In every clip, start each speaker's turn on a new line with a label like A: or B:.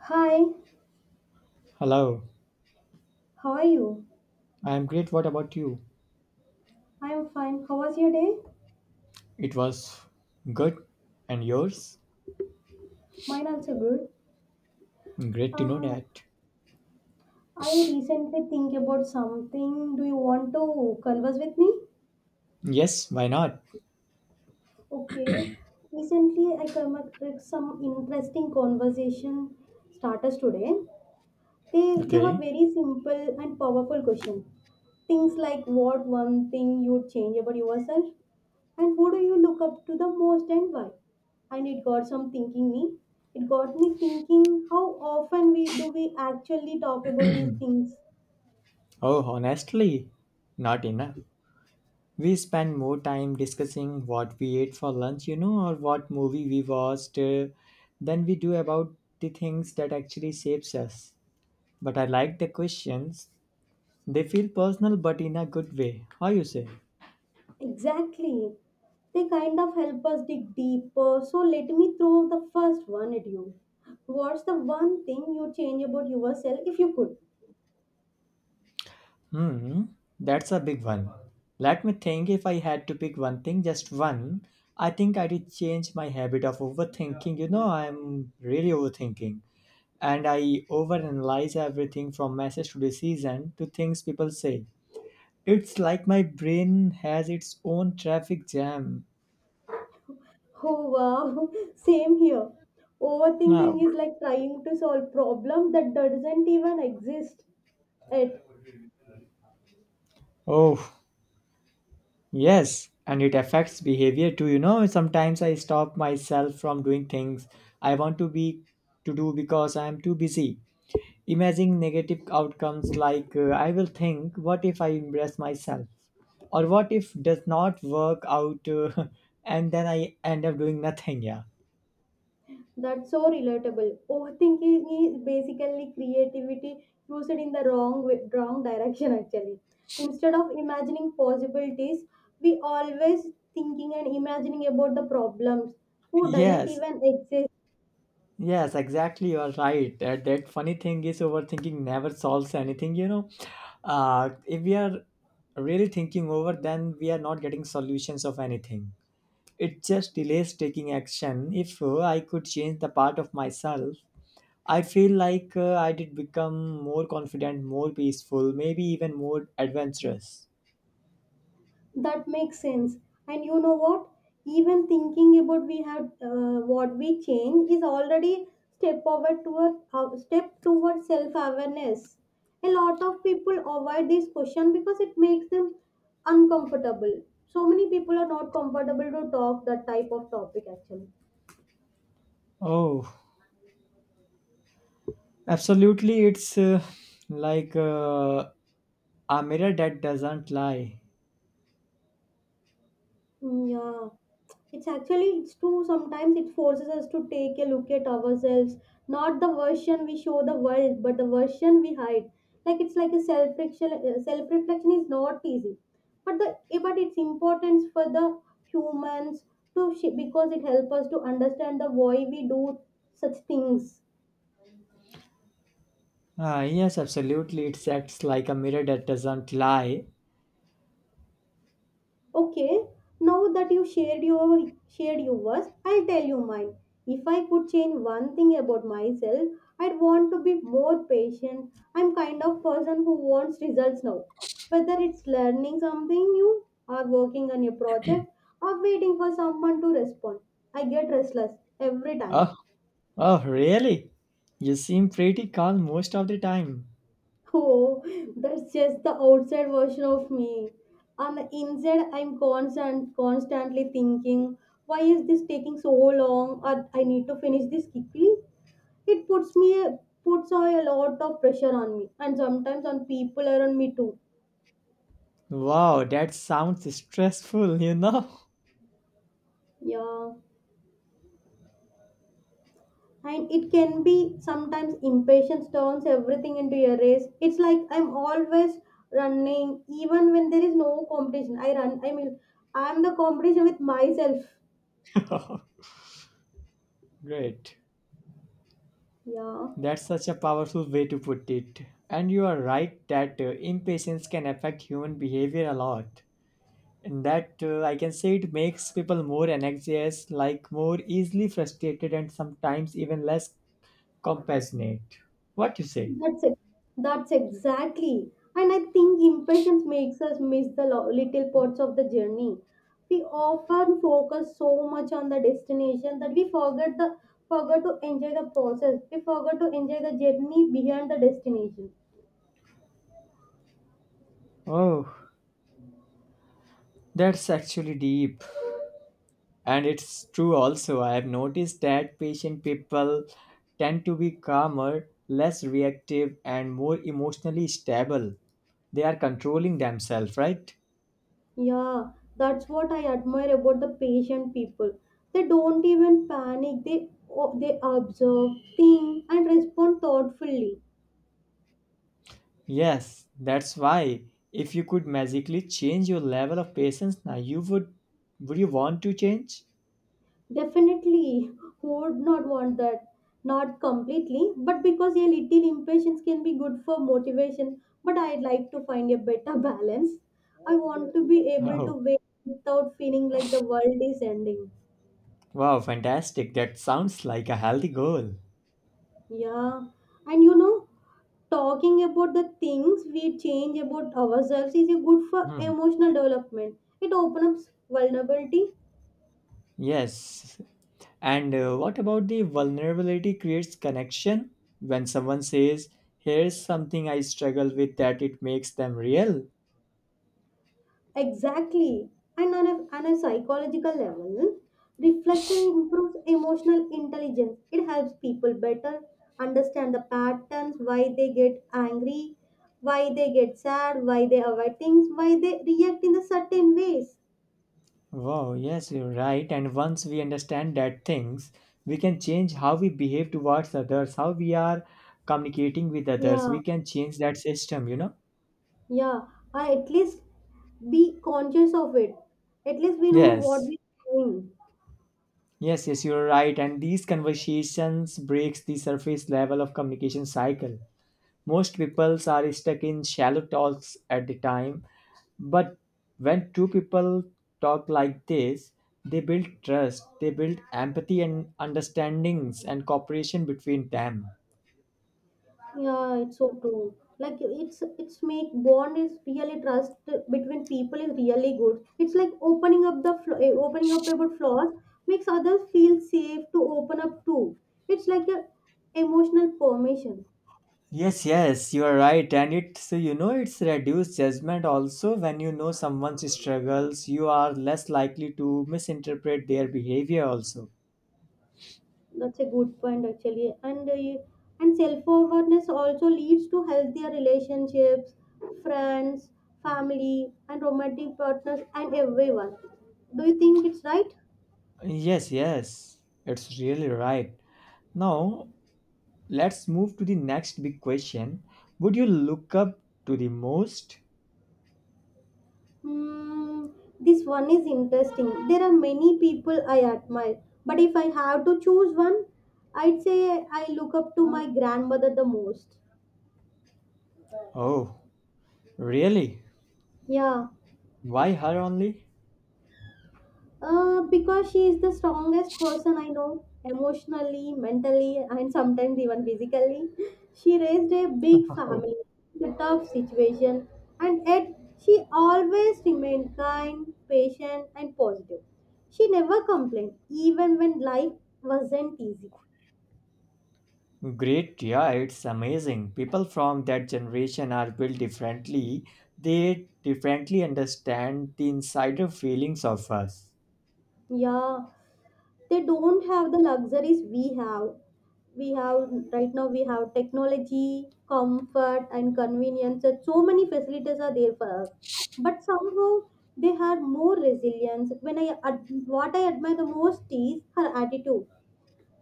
A: Hi,
B: Hello,
A: how are you?
B: I'm great. What about you?
A: I'm fine. How was your day?
B: It was good. And yours?
A: Mine also good.
B: Great to know
A: Uh,
B: that.
A: I recently think about something. Do you want to converse with me?
B: Yes, why not?
A: Okay. Recently, I came across some interesting conversation starters today. They were
B: Okay.
A: very simple and powerful question. Things like what one thing you'd change about yourself, and who do you look up to the most and why? And it got some thinking me. It got me thinking how often we actually talk about these things.
B: Oh, honestly, not enough. We spend more time discussing what we ate for lunch, or what movie we watched, than we do about the things that actually shapes us. But I like the questions. They feel personal, but in a good way. How you say?
A: Exactly. They kind of help us dig deeper. So let me throw the first one at you. What's the one thing you change about yourself if you could?
B: Hmm, that's a big one. Let me think if I had to pick one thing, just one. I think I did change my habit of overthinking. You know, I'm really overthinking. And I overanalyze everything from message to decision to things people say. It's like my brain has its own traffic jam.
A: Oh wow, same here.
B: Now,
A: Overthinking is like trying to solve problem that doesn't even exist. Yet
B: oh, yes. And it affects behavior too. You know, sometimes I stop myself from doing things I want to be to do because I'm too busy imagining negative outcomes like I will think, what if I embrace myself? Or what if does not work out and then I end up doing nothing? Yeah.
A: that's so relatable. Overthinking is basically creativity used in the wrong way, wrong direction actually. Instead of imagining possibilities, we always thinking and imagining about the problems who doesn't
B: Yes,
A: even exist.
B: yes, exactly. You are right. That funny thing is overthinking never solves anything, you know. If we are really thinking over, then we are not getting solutions of anything. It just delays taking action. If I could change the part of myself, I feel like I did become more confident, more peaceful, maybe even more adventurous.
A: That makes sense. And you know what? Even thinking about we have what we change is already step toward self awareness. A lot of people avoid this question because it makes them uncomfortable. So many people are not comfortable to talk that type of topic actually.
B: Oh, absolutely. It's like a mirror that doesn't lie.
A: Mm, yeah, it's actually it's true sometimes it forces us to take a look at ourselves, not the version we show the world but the version we hide. Like it's like a self reflection. Self reflection is not easy, but but it's important for the humans because it helps us to understand the why we do such things.
B: Ah, yes, absolutely. It acts like a mirror that doesn't lie.
A: Okay, now that you shared your shared yours, I'll tell you mine. If I could change one thing about myself, I'd want to be more patient. I'm kind of person who wants results now. Whether it's learning something new or working on a project or waiting for someone to respond, I get restless every time.
B: Oh, oh, really? You seem pretty calm most of the time.
A: Oh, that's just the outside version of me. On the inside, constantly thinking, why is this taking so long? Or I need to finish this quickly. It puts me Puts a lot of pressure on me, and sometimes on people around me too.
B: Wow, that sounds stressful, you know?
A: Yeah, and it can be sometimes impatience turns everything into a race. It's like I'm always running, even when there is no competition. I run. I mean, I'm the competition with myself.
B: Great.
A: Yeah.
B: That's such a powerful way to put it. And you are right that impatience can affect human behavior a lot. And that I can say it makes people more anxious, like more easily frustrated, and sometimes even less compassionate. What you say?
A: That's it. That's exactly. And I think impatience makes us miss the little parts of the journey. We often focus so much on the destination that we forget the forget to enjoy the process. We forget to enjoy the journey behind the destination.
B: Oh, that's actually deep. And it's true also. I have noticed that patient people tend to be calmer, less reactive, and more emotionally stable. They are controlling themselves, right?
A: Yeah, that's what I admire about the patient people. They don't even panic. They observe, think, and respond thoughtfully.
B: Yes, that's why. If you could magically change your level of patience now, you would you want to change?
A: Definitely, who would not want that? Not completely, but because a little impatience can be good for motivation. But I'd like to find a better balance. I want to be able to
B: Oh,
A: wait without feeling like the world is ending.
B: wow, fantastic. That sounds like a healthy goal.
A: Yeah, and you know, talking about the things we change about ourselves is good for
B: Hmm.
A: emotional development. It opens up vulnerability.
B: Yes. And what about the vulnerability creates connection? When someone says, "Here's something I struggle with," that it makes them real.
A: Exactly. And on a psychological level, reflection improves emotional intelligence. It helps people better understand the patterns, why they get angry, why they get sad, why they avoid things, why they react in the certain ways.
B: Wow, yes, you're right. And once we understand that things, we can change how we behave towards others, how we are communicating with others.
A: Yeah,
B: We can change that system, you know?
A: yeah. Or at least be conscious of it. At least we know what
B: Yes.
A: we're doing.
B: Yes, yes, you're right. And these conversations breaks the surface level of communication cycle. Most people are stuck in shallow talks at the time, but when two people talk like this, they build trust, they build empathy and understandings and cooperation between them.
A: Yeah, it's so true. Like it's make bond is really trust between people is really good. It's like opening up the opening up about flaws makes others feel safe to open up too. It's like a emotional permission.
B: Yes, yes, you are right. And it's, you know, it's reduced judgment also. When you know someone's struggles, you are less likely to misinterpret their behavior also.
A: That's a good point actually. And self awareness also leads to healthier relationships, friends, family, and romantic partners, and everyone. Do you think it's right?
B: Yes, yes, it's really right. Now, let's move to the next big question. Would you look up to the most?
A: Hmm, this one is interesting. There are many people I admire, but if I have to choose one, I'd say I look up to my grandmother the most.
B: Oh, really?
A: Yeah,
B: Why her only?
A: because she is the strongest person I know, emotionally, mentally, and sometimes even physically. She raised a big family in a tough situation, and yet she always remained kind, patient, and positive. She never complained, even when life wasn't easy.
B: Great, yeah, it's amazing. People from that generation are built differently. They differently understand the insider feelings of us.
A: Yeah, they don't have the luxuries we have. We have right now we have technology, comfort and convenience and so many facilities are there for us. But somehow they are more resilient. When what I admire the most is her attitude.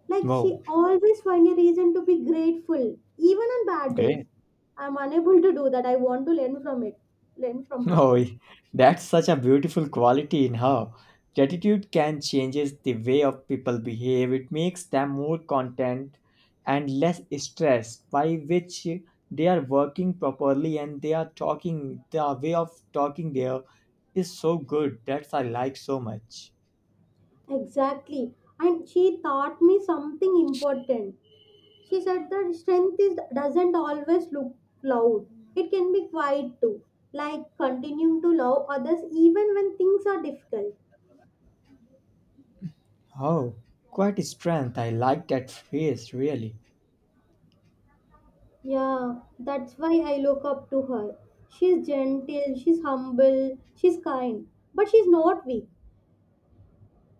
A: Like
B: Wow,
A: she always find a reason to be grateful, even on bad days.
B: great.
A: I'm unable to do that. I want to learn from it. Learn from her.
B: Oh, that's such a beautiful quality in her. Gratitude can changes the way of people behave. It makes them more content and less stressed, by which they are working properly and they are talking. The way of talking there is so good. That's I like so much.
A: Exactly. And she taught me something important. She said that doesn't always look loud. It can be quiet too, like continuing to love others even when things are difficult.
B: Oh, quite a strength. I like that face, really.
A: Yeah, that's why I look up to her. She's gentle, she's humble, she's kind, but she's not weak.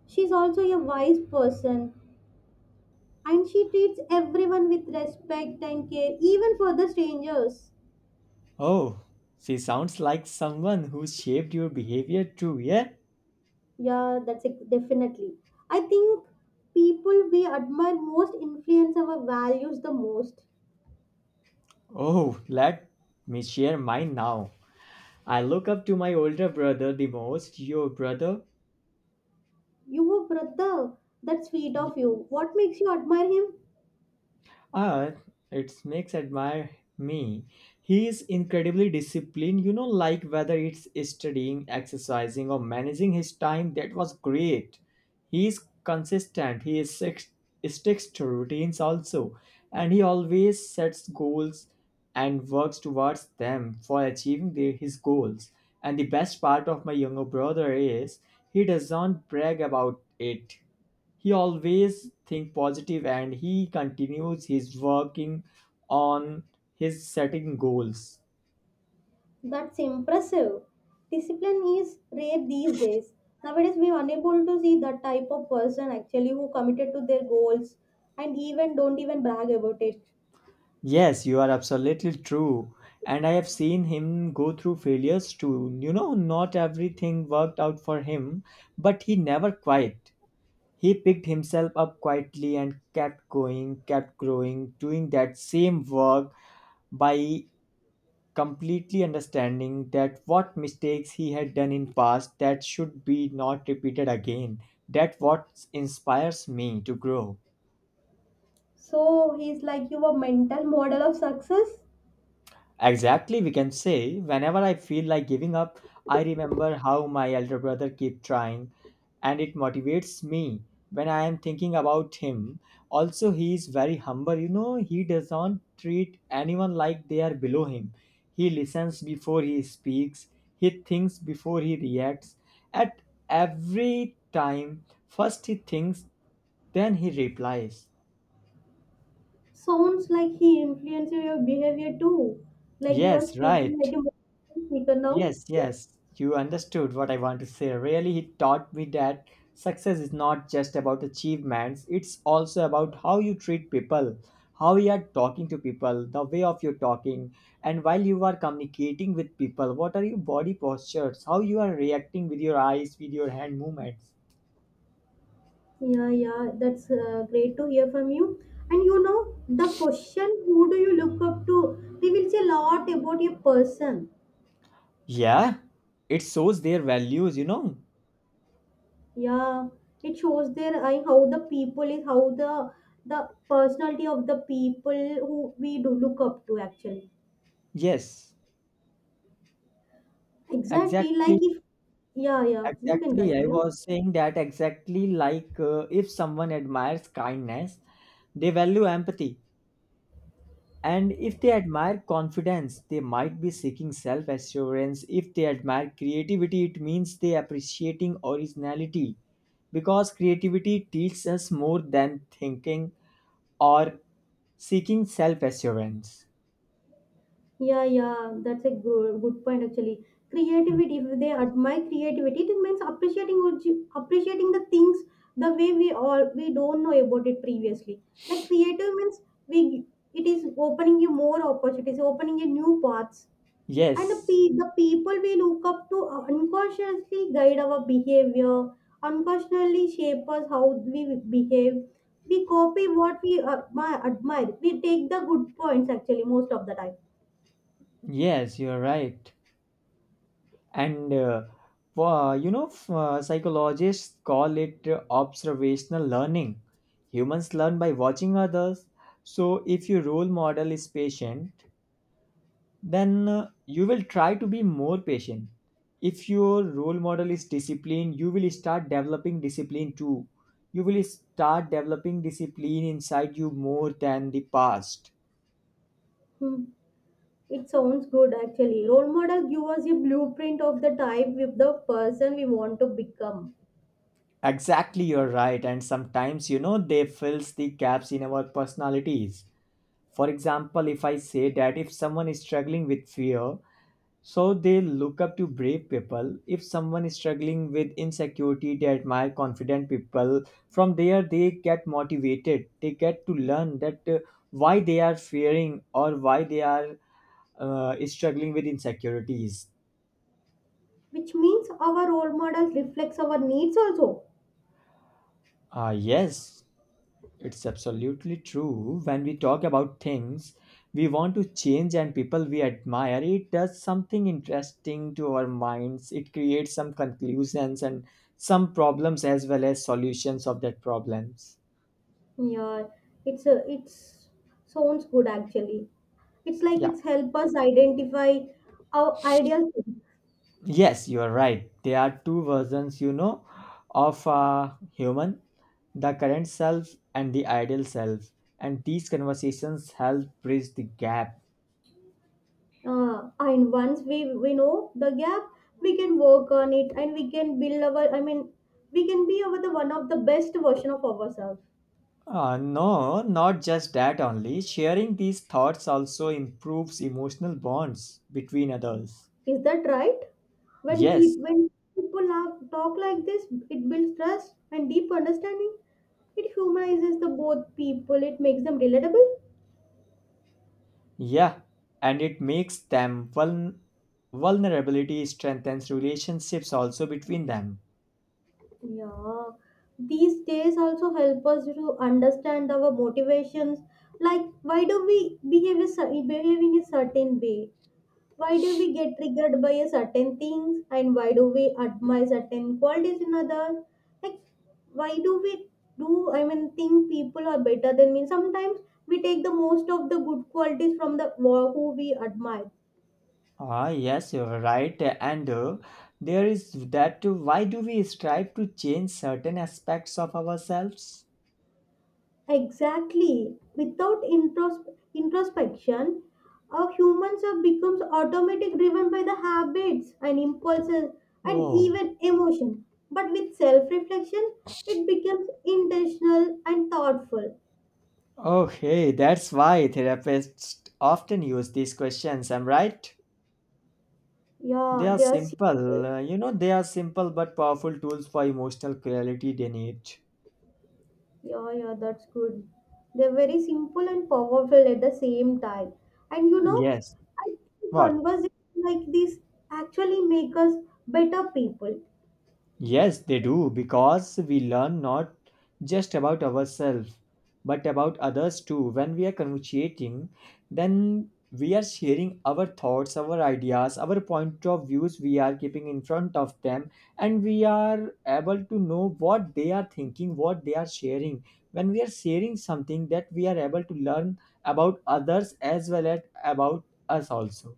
A: She's also a wise person and she treats everyone with respect and care, even for the strangers.
B: Oh, she sounds like someone who shaped your behavior too, yeah?
A: Yeah, that's definitely. I think people we admire most influence our values the most.
B: Oh, let me share mine now. I look up to my older brother the most. Your brother?
A: Your brother, that's sweet of you. What makes you admire him?
B: Ah, it makes admire me. He is incredibly disciplined, you know, like whether it's studying, exercising, or managing his time. That was great. He is consistent. He is six, sticks to routines also, and he always sets goals and works towards them for achieving his goals. And the best part of my younger brother is he doesn't brag about it. He always think positive and he continues his working on his setting goals.
A: That's impressive. Discipline is rare these days. Nowadays, we're unable to see that type of person actually who committed to their goals and even don't even brag about it.
B: Yes, you are absolutely true. And I have seen him go through failures too. You know, not everything worked out for him, but he never quit. He picked himself up quietly and kept going, kept growing, doing that same work by completely understanding that what mistakes he had done in past that should be not repeated again that what inspires me to grow.
A: So he's like your mental model of success.
B: Exactly, we can say. Whenever I feel like giving up, I remember how my elder brother kept trying, and it motivates me when I am thinking about him. Also, he is very humble. You know, he does not treat anyone like they are below him. He listens before he speaks, he thinks before he reacts. At every time, first he thinks, then he replies.
A: Sounds like he influenced your behavior too. Like you are
B: Yes,
A: speaking
B: right.
A: like a motivational speaker now.
B: Yes, yes, you understood what I want to say. Really, he taught me that success is not just about achievements, it's also about how you treat people, how you are talking to people, the way of your talking, and while you are communicating with people, what are your body postures, how you are reacting with your eyes, with your hand movements.
A: Yeah, yeah, that's great to hear from you. And you know, the question who do you look up to reveals a lot about your person.
B: Yeah, it shows their values, you know.
A: Yeah, it shows their I how the people is how the personality of the people who we do look up to actually.
B: Yes,
A: Exactly,
B: exactly.
A: like if yeah, yeah, you can
B: Exactly. I
A: continue.
B: was saying that exactly like if someone admires kindness, they value empathy. And if they admire confidence, they might be seeking self assurance. If they admire creativity, it means they appreciating originality because creativity teaches us more than thinking or seeking self assurance.
A: Yeah, yeah, that's a good point actually. Creativity, if they admire creativity, it means appreciating the things the way we all we don't know about it previously. Like creative means we it is opening you more opportunities, opening you new paths, and
B: Yes,
A: the people we look up to unconsciously guide our behavior, unconsciously shape us how we behave. We copy what we admire. We take the good points actually most of the time.
B: yes, you're right. And psychologists call it observational learning. Humans learn by watching others. So if your role model is patient, then you will try to be more patient. If your role model is discipline, you will start developing discipline too. You will start developing discipline inside you more than the past.
A: Hmm. It sounds good actually. Role model give us a blueprint of the type with the person we want to become,
B: Exactly, you're right. And sometimes, you know, they fills the gaps in our personalities. For example, if I say that if someone is struggling with fear, so they look up to brave people. If someone is struggling with insecurity, they admire confident people. From there, they get motivated. They get to learn that why they are fearing or why they are struggling with insecurities.
A: which means our role model reflects our needs also.
B: Yes, it's absolutely true. When we talk about things we want to change and people we admire, it does something interesting to our minds. It creates some conclusions and some problems as well as solutions of that problems.
A: Yeah, it's sounds good actually. It's like
B: Yeah.
A: it's help us identify our ideal thing.
B: Yes, you are right. There are two versions, you know, of a human, the current self and the ideal self. And these conversations help bridge the gap.
A: And once we know the gap, we can work on it and we can build our. I mean, we can be our the one of the best version of ourselves.
B: No, not just that only. Sharing these thoughts also improves emotional bonds between others.
A: Is that right? When, pe-
B: Yes,
A: when people are, talk like this, it builds trust and deep understanding. It humanizes the both people. It makes them relatable.
B: yeah, and it makes them vulnerability strengthens relationships also between them.
A: Yeah. These days also help us to understand our motivations. Like, why do a behave in a certain way? Why do we get triggered by a certain things and why do we admire certain qualities in others, like why do we do. I mean think people are better than me sometimes, we take the most of the good qualities from the who we admire.
B: Ah, yes, you're right. And there is that too. Why do we strive to change certain aspects of ourselves?
A: Exactly without introspection our humans are becomes automatic driven by the habits and impulses and
B: Oh,
A: even emotion, but with self reflection it becomes intentional and thoughtful.
B: okay, that's why therapists often use these questions. I'm right. They
A: Yeah,
B: are
A: they are simple.
B: simple, you know, they are simple but powerful tools for emotional clarity they need.
A: Yeah, yeah, that's good. They're very simple and powerful at the same time. And you know,
B: Yes.
A: I think
B: What?
A: conversations like this actually make us better people.
B: Yes, they do, because we learn not just about ourselves, but about others too. When we are conversating, then we are sharing our thoughts, our ideas, our point of views we are keeping in front of them, and we are able to know what they are thinking, what they are sharing. When we are sharing something, that we are able to learn about others as well as about us also.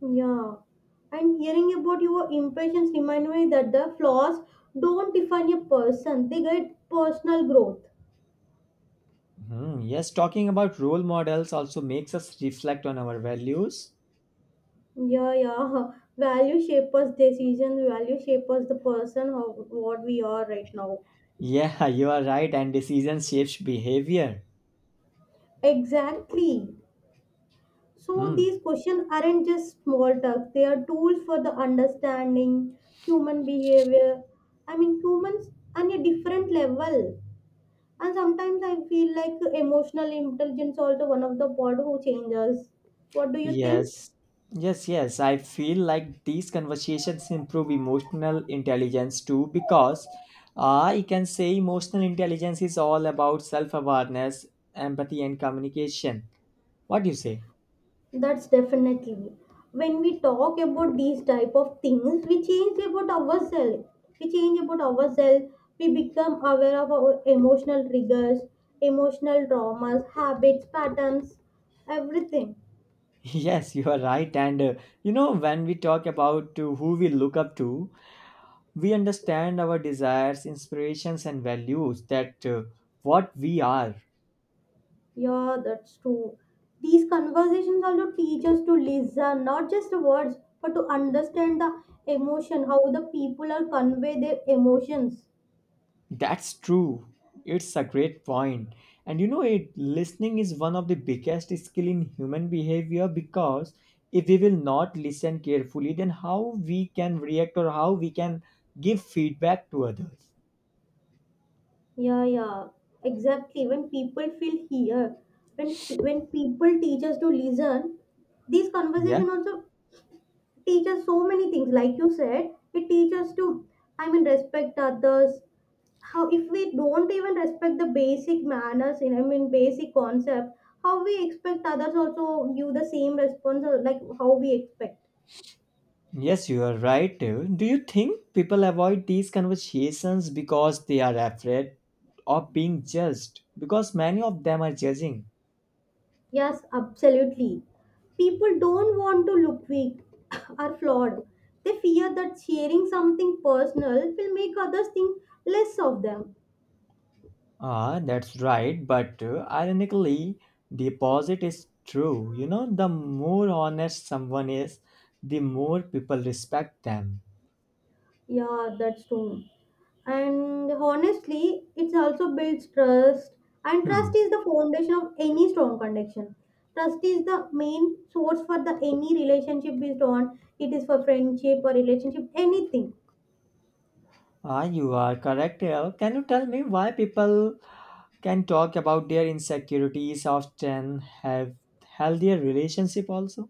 A: Yeah. And hearing about your impressions remind me that the flaws don't define a person, they guide personal growth.
B: Hmm, yes, talking about role models also makes us reflect on our values.
A: Yeah, yeah. Value shape us decisions, value shape us the person how what we are right now.
B: Yeah, you are right, and decision shapes behavior.
A: Exactly. So
B: Hmm.
A: these questions aren't just small talk, they are tools for the understanding human behavior. I mean humans on a different level. And sometimes I feel like emotional intelligence also one of the part who changes. What do you think?
B: Yes, yes, yes. I feel like these conversations improve emotional intelligence too because I can say emotional intelligence is all about self awareness, empathy, and communication. What do you say?
A: That's definitely. When we talk about these type of things, we change about ourselves. We change about ourselves. We become aware of our emotional triggers, emotional traumas, habits, patterns, everything.
B: Yes, you are right. And you know, when we talk about who we look up to, we understand our desires, inspirations, and values that what we are.
A: Yeah, that's true. These conversations also teach us to listen, not just the words, but to understand the emotion, how the people are convey their emotions.
B: That's true. It's a great point. And you know it listening is one of the biggest skill in human behavior because if we will not listen carefully then how we can react or how we can give feedback to others.
A: Yeah, yeah, exactly. When people feel here, when people teach us to listen, these
B: Yeah.
A: conversation also teach us so many things. Like you said, it teaches us to, I mean, respect others. How if we don't even respect the basic manners, in I mean, basic concept, how we expect others also give the same response, or like how we expect.
B: Yes, you are right. Do you think people avoid these conversations because they are afraid of being judged? Because many of them are judging.
A: Yes, absolutely. People don't want to look weak or flawed. They fear that sharing something personal will make others think less of them.
B: Ah, that's right, but ironically, the opposite is true. You know, the more honest someone is, the more people respect them.
A: Yeah, that's true. And honestly, it also builds trust. And
B: Hmm.
A: trust is the foundation of any strong connection. Trust is the main source for the any relationship based on. It is for friendship or relationship, anything.
B: Ah, you are correct here. Can you tell me why people can talk about their insecurities often have healthier relationship also?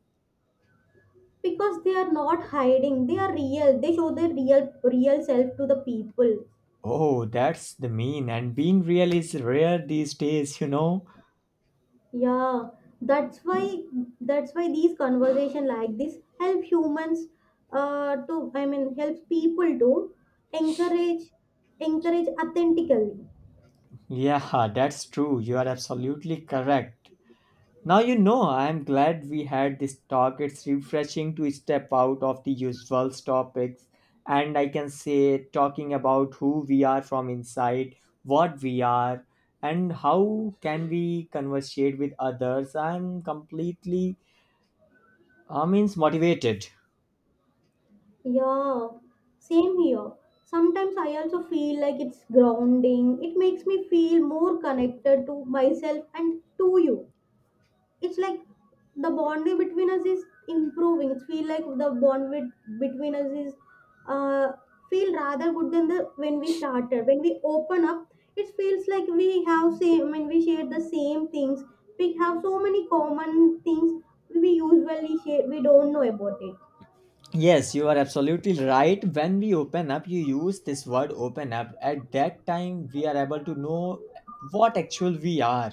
A: Because they are not hiding, they are real, they show their real self to the people.
B: Oh, that's the mean. And being real is rare these days, you know.
A: Yeah, that's why that's why these conversation like this help humans to I mean helps people to encourage encourage authentically.
B: Yeah, that's true. You are absolutely correct. Now you know I'm glad we had this talk. It's refreshing to step out of the usual topics and I can say talking about who we are from inside, what we are, and how can we conversate with others. I'm completely I means motivated.
A: Yeah, same here, sometimes I also feel like it's grounding, it makes me feel more connected to myself and to you. It's like the bonding between us is improving. It's feel like between us is uh, feel rather good than the when we started. When we open up, it feels like we have same. I mean, we share the same things, we have so many common things we usually share. We don't know about it.
B: Yes, you are absolutely right. When we open up, you use this word open up. At that time, we are able to know what actual we are.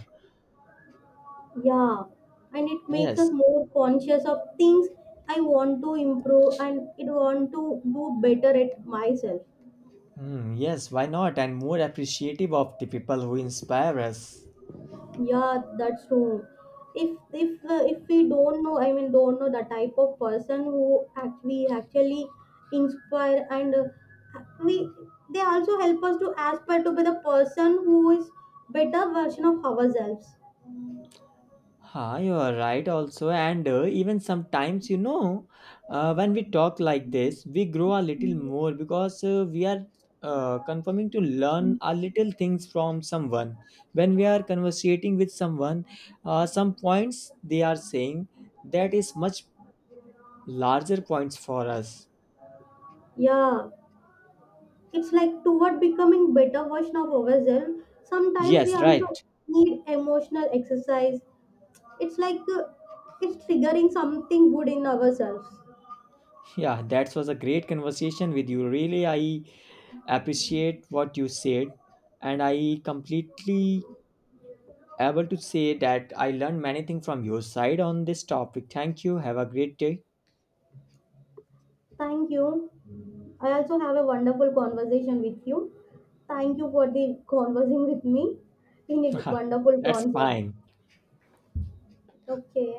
A: Yeah, and it makes
B: Yes.
A: us more conscious of things I want to improve and it want to do better at myself.
B: Hmm. Yes, why not? And more appreciative of the people who inspire us.
A: Yeah, that's true. If if we don't know, I mean, don't know the type of person who act we actually inspire, and we they also help us to aspire to be the person who is better version of ourselves.
B: Ah, you are right, also. And even sometimes, you know, when we talk like this, we grow a little more because we are confirming to learn a little things from someone. When we are conversating with someone, some points they are saying that is much larger points for us.
A: Yeah, it's like toward becoming better version of ourselves. Sometimes we
B: Yes, right.
A: also need emotional exercise. It's like it's triggering something good in ourselves.
B: Yeah, that was a great conversation with you. Really, I appreciate what you said, and I completely able to say that I learned many things from your side on this topic. Thank you. Have a great day.
A: Thank you. I also have a wonderful conversation with you. Thank you for the conversing with me in a wonderful
B: That's
A: concept.
B: fine.
A: Okay.